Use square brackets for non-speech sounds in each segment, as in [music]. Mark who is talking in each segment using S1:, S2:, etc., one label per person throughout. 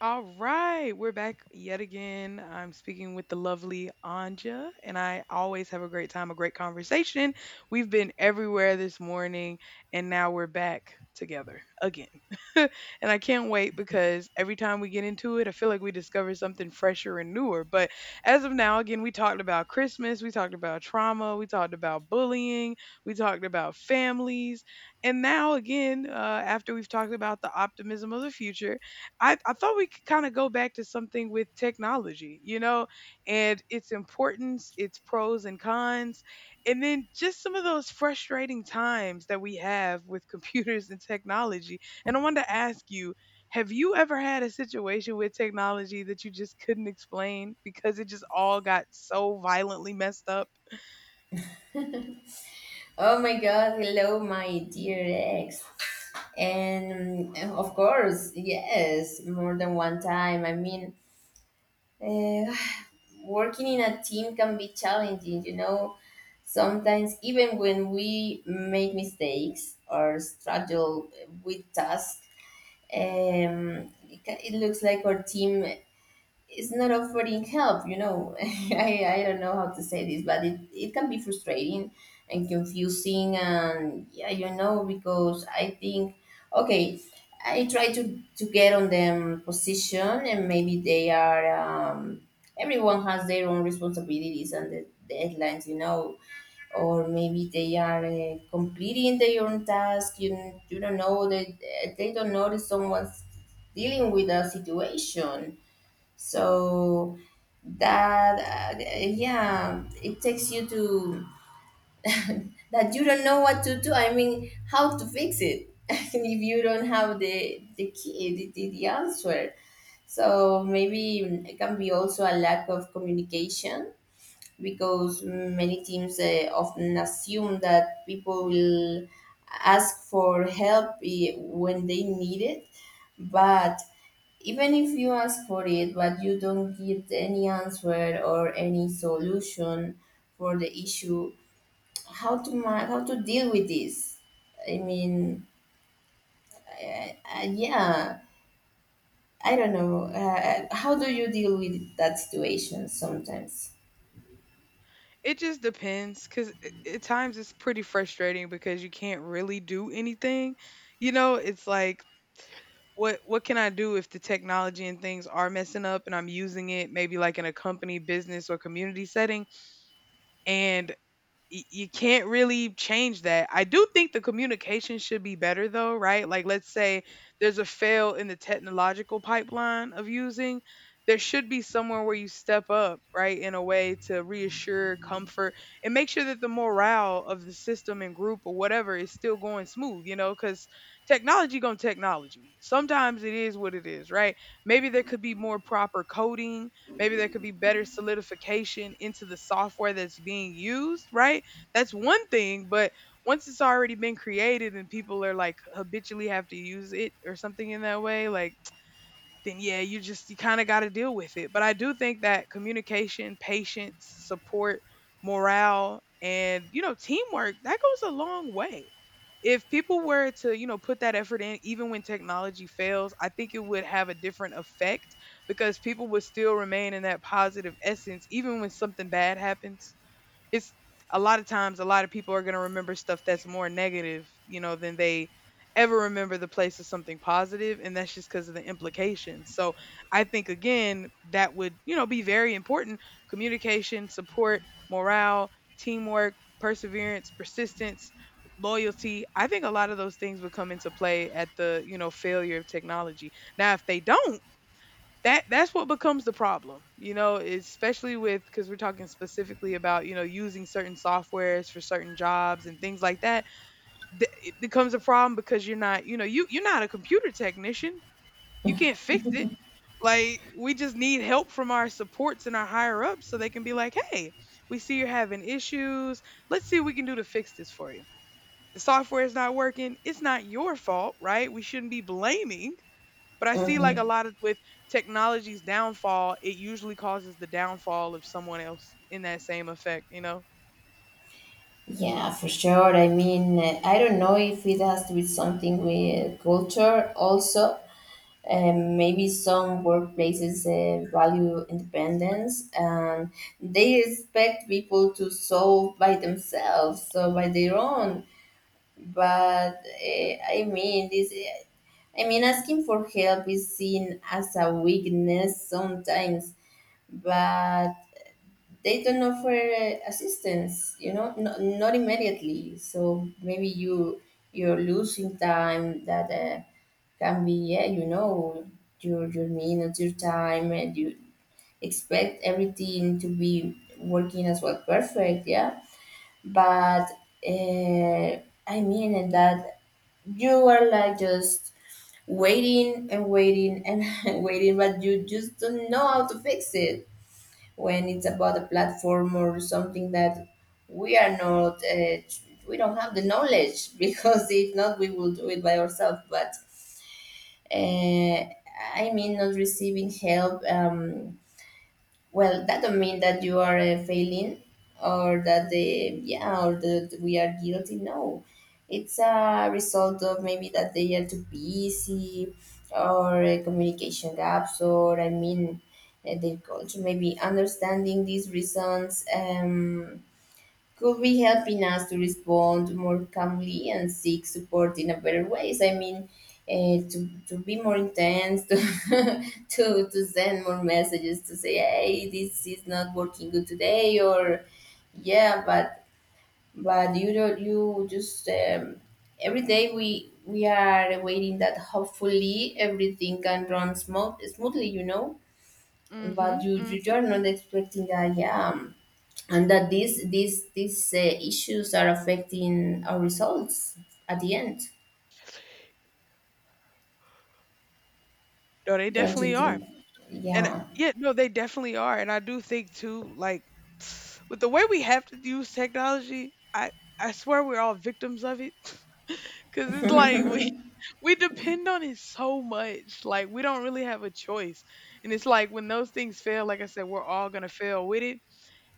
S1: All right, we're back yet again. I'm speaking with the lovely Anja, and I always have a great time, a great conversation. We've been everywhere this morning, and now we're back together again. [laughs] And I can't wait because every time we get into it, I feel like we discover something fresher and newer. But as of now, again, we talked about Christmas, we talked about trauma, we talked about bullying, we talked about families, and now again, after we've talked about the optimism of the future. I thought we could kind of go back to something with technology, and its importance, its pros and cons, and then just some of those frustrating times that we have with computers and technology. And I wanted to ask you, have you ever had a situation with technology that you just couldn't explain because it just all got so violently messed up?
S2: Oh my God, hello, my dear ex. And Of course, yes, more than one time. Uh, [sighs] working in a team can be challenging, you know. Sometimes, even when we make mistakes or struggle with tasks, it looks like our team is not offering help. [laughs] I don't know how to say this, but it can be frustrating and confusing, and yeah, you know, because I think okay, I try to get on them position, and maybe they are um, everyone has their own responsibilities and the deadlines, you know, or maybe they are completing their own task. You don't know, they don't notice someone's dealing with a situation. So that Yeah, it takes you to that you don't know what to do, I mean, how to fix it. [laughs] If you don't have the key, the answer. So maybe it can be also a lack of communication, because many teams often assume that people will ask for help, when they need it. But even if you ask for it, but you don't get any answer or any solution for the issue, how to deal with this? I mean, yeah, I don't know. How do you deal with that situation sometimes?
S1: It just depends because at times it's pretty frustrating because you can't really do anything. You know, it's like, what can I do if the technology and things are messing up and I'm using it maybe like in a company, business, or community setting, and you can't really change that. I do think the communication should be better though, right? Like, let's say there's a fail in the technological pipeline of using, there should be somewhere where you step up, right, in a way to reassure, comfort, and make sure that the morale of the system and group or whatever is still going smooth, cuz technology going technology. Sometimes it is what it is, right? Maybe there could be more proper coding. Maybe there could be better solidification into the software that's being used, right? That's one thing, but once it's already been created and people are like habitually have to use it or something in that way, like then yeah, you kind of got to deal with it. But I do think that communication, patience, support, morale, and teamwork that goes a long way. If people were to, put that effort in even when technology fails, I think it would have a different effect because people would still remain in that positive essence even when something bad happens. It's A lot of times a lot of people are going to remember stuff that's more negative, than they ever remember the place of something positive, and that's just because of the implications. So I think again that would, be very important: communication, support, morale, teamwork, perseverance, persistence, loyalty. I think a lot of those things would come into play at the, failure of technology. Now if they don't, that's what becomes the problem, especially with because we're talking specifically about using certain softwares for certain jobs and things like that. It becomes a problem because you're not, you know you you're not a computer technician, you can't fix it. Like, we just need help from our supports and our higher ups so they can be like, hey, we see you're having issues, let's see what we can do to fix this for you. The software is not working, it's not your fault, right? We shouldn't be blaming. But I see like a
S2: Mhm.
S1: lot of, with technology's downfall, it usually causes the downfall of someone else in that same effect, you know?
S2: Yeah, for sure. I don't know if it has to be something with culture also. Maybe some workplaces value independence, and they expect people to solve by themselves, so by their own. But I mean, this. I mean, asking for help is seen as a weakness sometimes, but they don't offer assistance, you know, not, not immediately. So maybe you, you're losing time that can be, yeah, you know, your minutes, your time, and you expect everything to be working as well, perfect, yeah. but uh, I mean, in that you are like just waiting and waiting and [laughs] waiting, but you just don't know how to fix it when it's about a platform or something that we are not, we don't have the knowledge. [laughs] Because if not, we will do it by ourselves. But uh, I mean, not receiving help, well, that don't mean that you are failing, or that
S1: Mhm.
S2: the, yeah, or that we are guilty. No, it's a result of maybe that they are too busy, or communication gaps, or I mean, their culture. Maybe understanding these reasons, could be helping us to respond more calmly and seek support in a better ways. To, be more intense, to, [laughs] to send more messages to say, hey, this is not working good today, or yeah. But you don't, you just, every day we are waiting that hopefully everything can run smoothly, you know, but
S1: Mhm.
S2: you you
S1: Mhm.
S2: you are not expecting that, yeah, and that these issues are affecting our results at the end,
S1: No, they
S2: don't you
S1: definitely are.
S2: think?
S1: And
S2: Yeah.
S1: yeah, no, they definitely are. And I do think too, like, [sniffs] with the way we have to use technology, I swear we're all victims of it. [laughs] Cause it's like we [laughs] we depend on it so much. Like, we don't really have a choice. And it's like when those things fail, like I said, we're all gonna fail with it.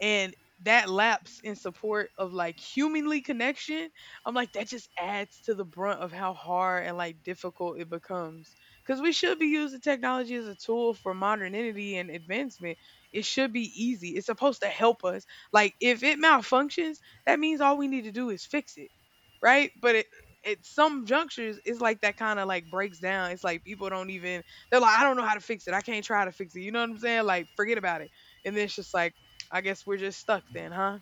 S1: And that lapse in support of like humanly connection, I'm like, that just adds to the brunt of how hard and like difficult it becomes because we should be using technology as a tool for modernity and advancement. It should be easy, it's supposed to help us. Like, if it malfunctions, that means all we need to do is fix it, right? But it at some junctures it's like that kind of like breaks down. It's like people don't even, they're like, I don't know how to fix it, I can't try to fix it, you know what I'm saying, like, forget about it. And then it's just like, I guess we're just stuck then, huh?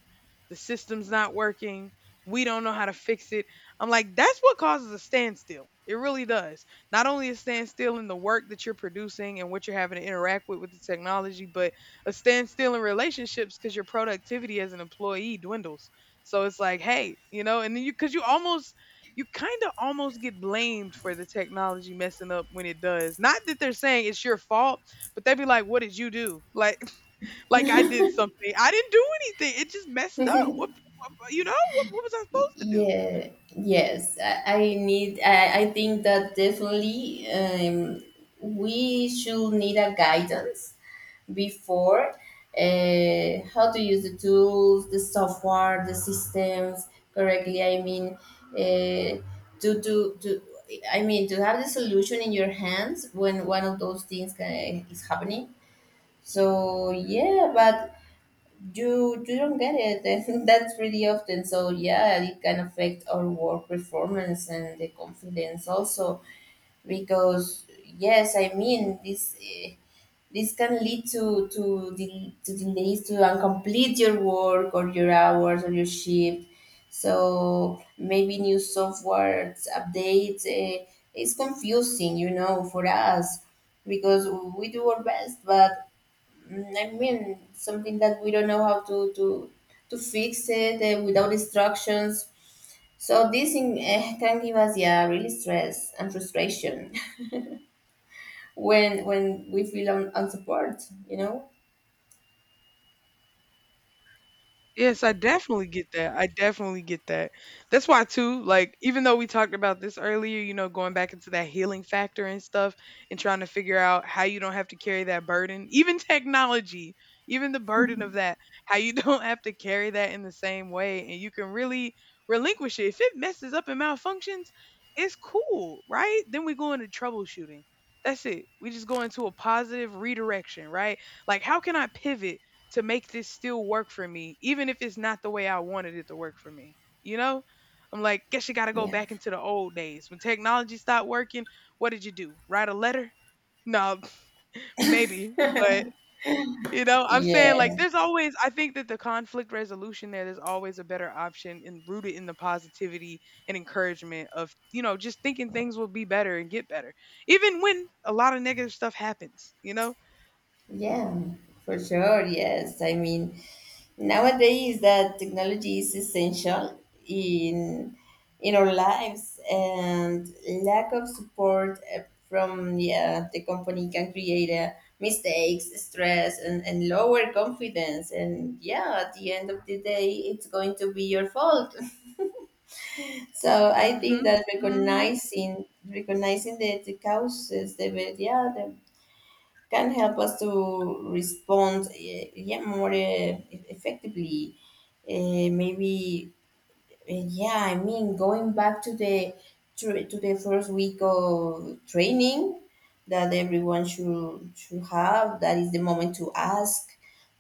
S1: The system's not working. We don't know how to fix it. I'm like, that's what causes a standstill. It really does. Not only a standstill in the work that you're producing and what you're having to interact with the technology, but a standstill in relationships because your productivity as an employee dwindles. So it's like, hey, you know, and then you, because you almost, you kind of almost get blamed for the technology messing up when it does. Not that they're saying it's your fault, but they'd be like, what did you do? Like I did something. I didn't do anything. It just messed up. What was I supposed to do?
S2: Yeah, yes, I need, I think that definitely we should need a guidance before, how to use the tools, the software, the systems correctly. Uh, to, to I mean, to have the solution in your hands when one of those things is happening. So yeah, but you don't get it. [laughs] And that's pretty often. So yeah, it can affect our work performance and the confidence also, because yes, I mean, this can lead to to delays, to incomplete your work or your hours or your shift. So maybe new software updates is confusing, you know, for us, because we do our best. But, I mean, something that we don't know how to fix it without instructions. So this can give us, yeah, really stress and frustration [laughs] when we feel unsupported. You know.
S1: Yes, I definitely get that. I definitely get that. That's why too, like, even though we talked about this earlier, going back into that healing factor and stuff and trying to figure out how you don't have to carry that burden, even [laughs] technology, even the burden of that, how you [laughs] don't have to carry that in the same way and you can really relinquish it. If it messes up and malfunctions, it's cool, right? Then we go into troubleshooting. That's it. We just go into a positive redirection, right? Like, how can I pivot to make this still work for me, even if it's not the way I wanted it to work for me. You know? I'm like, guess you gotta go
S2: Yeah.
S1: back into the old days. When technology stopped working, what did you do? Write a letter? No, [laughs] maybe. But you know, I'm saying like
S2: Yeah.
S1: there's always, I think that the conflict resolution there, there's always a better option and rooted in the positivity and encouragement of, just thinking things will be better and get better. Even when a lot of negative stuff happens, you know?
S2: Yeah, for sure. Yes. I mean, nowadays that technology is essential in in our lives, and lack of support from, yeah, the company can create mistakes, stress, and lower confidence, and yeah, at the end of the day it's going to be your fault. [laughs] So I
S1: Mm
S2: think
S1: hmm.
S2: that
S1: Mm hmm.
S2: recognizing the causes, the yeah, the can help us to respond yeah, more effectively. Maybe yeah, I mean, going back to the to the first week of training that everyone should have. That is the moment to ask,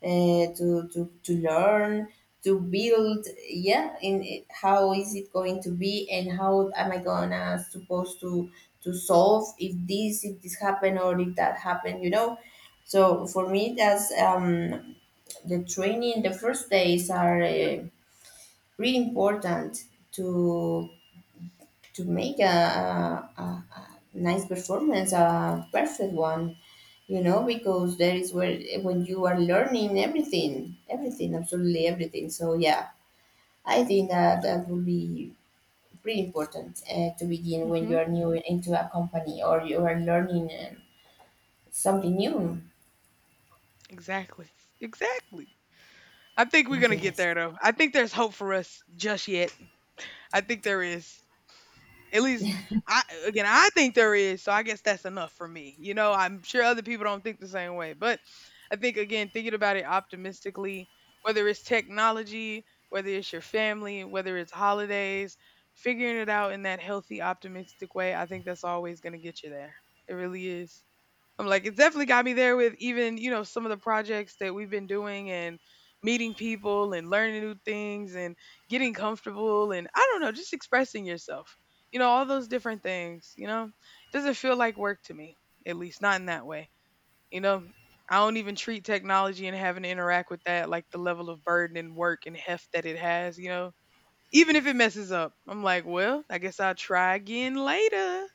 S2: to learn, to build. Yeah, how is it going to be, and how am I gonna supposed to solve if this, if this happened, or if that happened? You know, so for me, that's the training. The first days are. Really important to to make a nice performance, a perfect one, you know, because there is where when you are learning everything, everything, absolutely everything. So yeah, I think that that would be pretty important to begin
S1: Mm
S2: when
S1: hmm.
S2: you are new into a company, or you are learning something new.
S1: Exactly. Exactly. I think we're gonna get
S2: Yes.
S1: there though. I think there's hope for us just yet. I think there is. At least I again I think there is, so I guess that's enough for me. You know, I'm sure other people don't think the same way. But I think again, thinking about it optimistically, whether it's technology, whether it's your family, whether it's holidays, figuring it out in that healthy, optimistic way, I think that's always gonna get you there. It really is. I'm like, it definitely got me there with even, some of the projects that we've been doing and meeting people and learning new things and getting comfortable and I don't know, just expressing yourself. You know, all those different things, you know? It doesn't feel like work to me, at least not in that way. You know, I don't even treat technology and having to interact with that like the level of burden and work and heft that it has, you know? Even if it messes up, I'm like, well, I guess I'll try again later.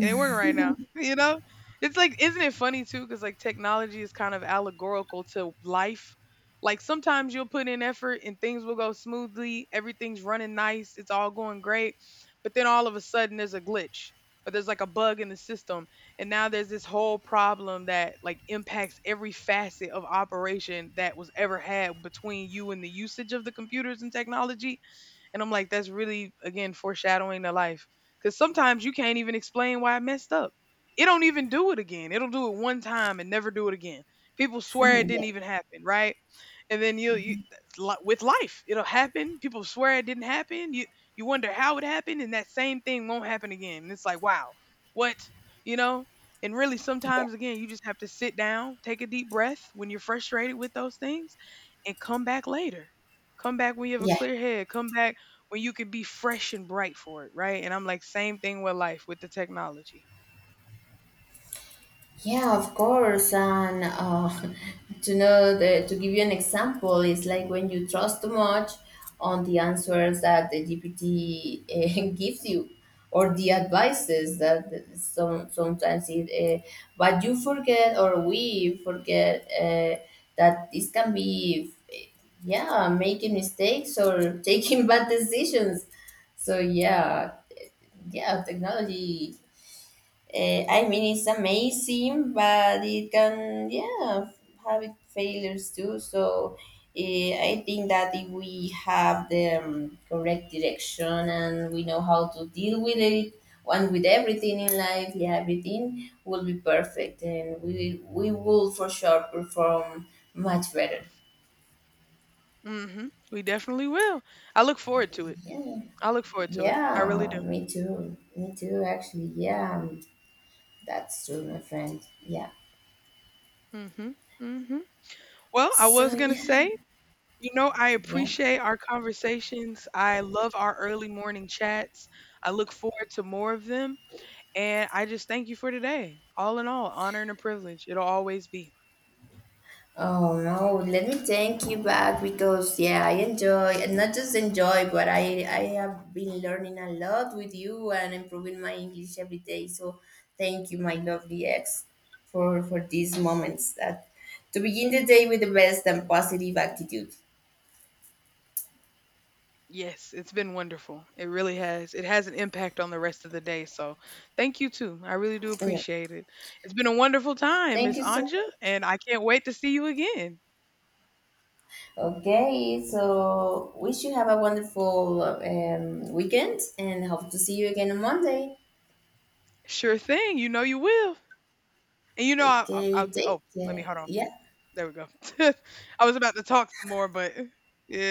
S1: It ain't working right now. [laughs] You know? It's like, isn't it funny too? Because like technology is kind of allegorical to life. Like, sometimes you'll put in effort and things will go smoothly. Everything's running nice. It's all going great. But then all of a sudden there's a glitch or there's like a bug in the system. And now there's this whole problem that like impacts every facet of operation that was ever had between you and the usage of the computers and technology, and I'm like, that's really, again, foreshadowing the life. Because sometimes you can't even explain why I messed up. It don't even do it again. It'll do it one time and never do it again. People
S2: [laughs]
S1: swear it
S2: yeah.
S1: didn't even happen, right? And then, with life, it'll happen. People swear it didn't happen. You wonder how it happened, and that same thing won't happen again. And it's like, wow, what? You know? And really,
S2: Yeah.
S1: sometimes again, you just have to sit down, take a deep breath when you're frustrated with those things, and come back later. Come back when you have a
S2: Yeah.
S1: clear head. Come back when you could be fresh and bright for it, right? And I'm like, same thing with life, with the technology.
S2: Yeah, of course. And [laughs] to know the, to give you an example, it's like when you trust too much on the answers that the GPT [laughs] gives you, or the advices that sometimes it, uh, but you forget, or we forget, that this can be, yeah, making mistakes or [laughs] taking bad decisions. So yeah, yeah, technology, I mean, it's amazing, but it can, yeah, have it failures too. So I think that if we have the correct direction, and we know how to deal with it, and with everything in life, yeah, everything will be perfect, and we will for sure perform much better.
S1: Hmm. We definitely will. I look forward to it.
S2: Yeah,
S1: I look forward to it. I really
S2: yeah,
S1: do.
S2: me too, me too. Actually, yeah, that's true, my friend. Yeah.
S1: Hmm. Hmm. Well, I
S2: So
S1: was gonna say,
S2: yeah,
S1: you know, I
S2: yeah.
S1: appreciate our conversations. I love our early morning chats. I look forward to more of them. And I just thank you for today. All in all, honor and a privilege. It'll always be.
S2: Oh no, let me thank you back, because yeah, I enjoy, and not just enjoy, but I have been learning a lot with you and improving my English every day. So thank you, my lovely ex, for these moments that to begin the day with the best and positive attitude.
S1: Yes, it's been wonderful. It really has. It has an impact on the rest of the day. So thank you too. I really do
S2: Yeah.
S1: appreciate it. It's been a wonderful time,
S2: Thank
S1: Miss
S2: you so
S1: Anja,
S2: much.
S1: and I can't wait to see you again.
S2: Okay, so wish you have a wonderful weekend and hope to see you again on Monday.
S1: Sure thing. You know you will. And you know
S2: Okay,
S1: I'll.
S2: take
S1: Oh, let me
S2: care.
S1: hold on.
S2: Yeah.
S1: There we go. [laughs] I was about to talk some more, but yeah.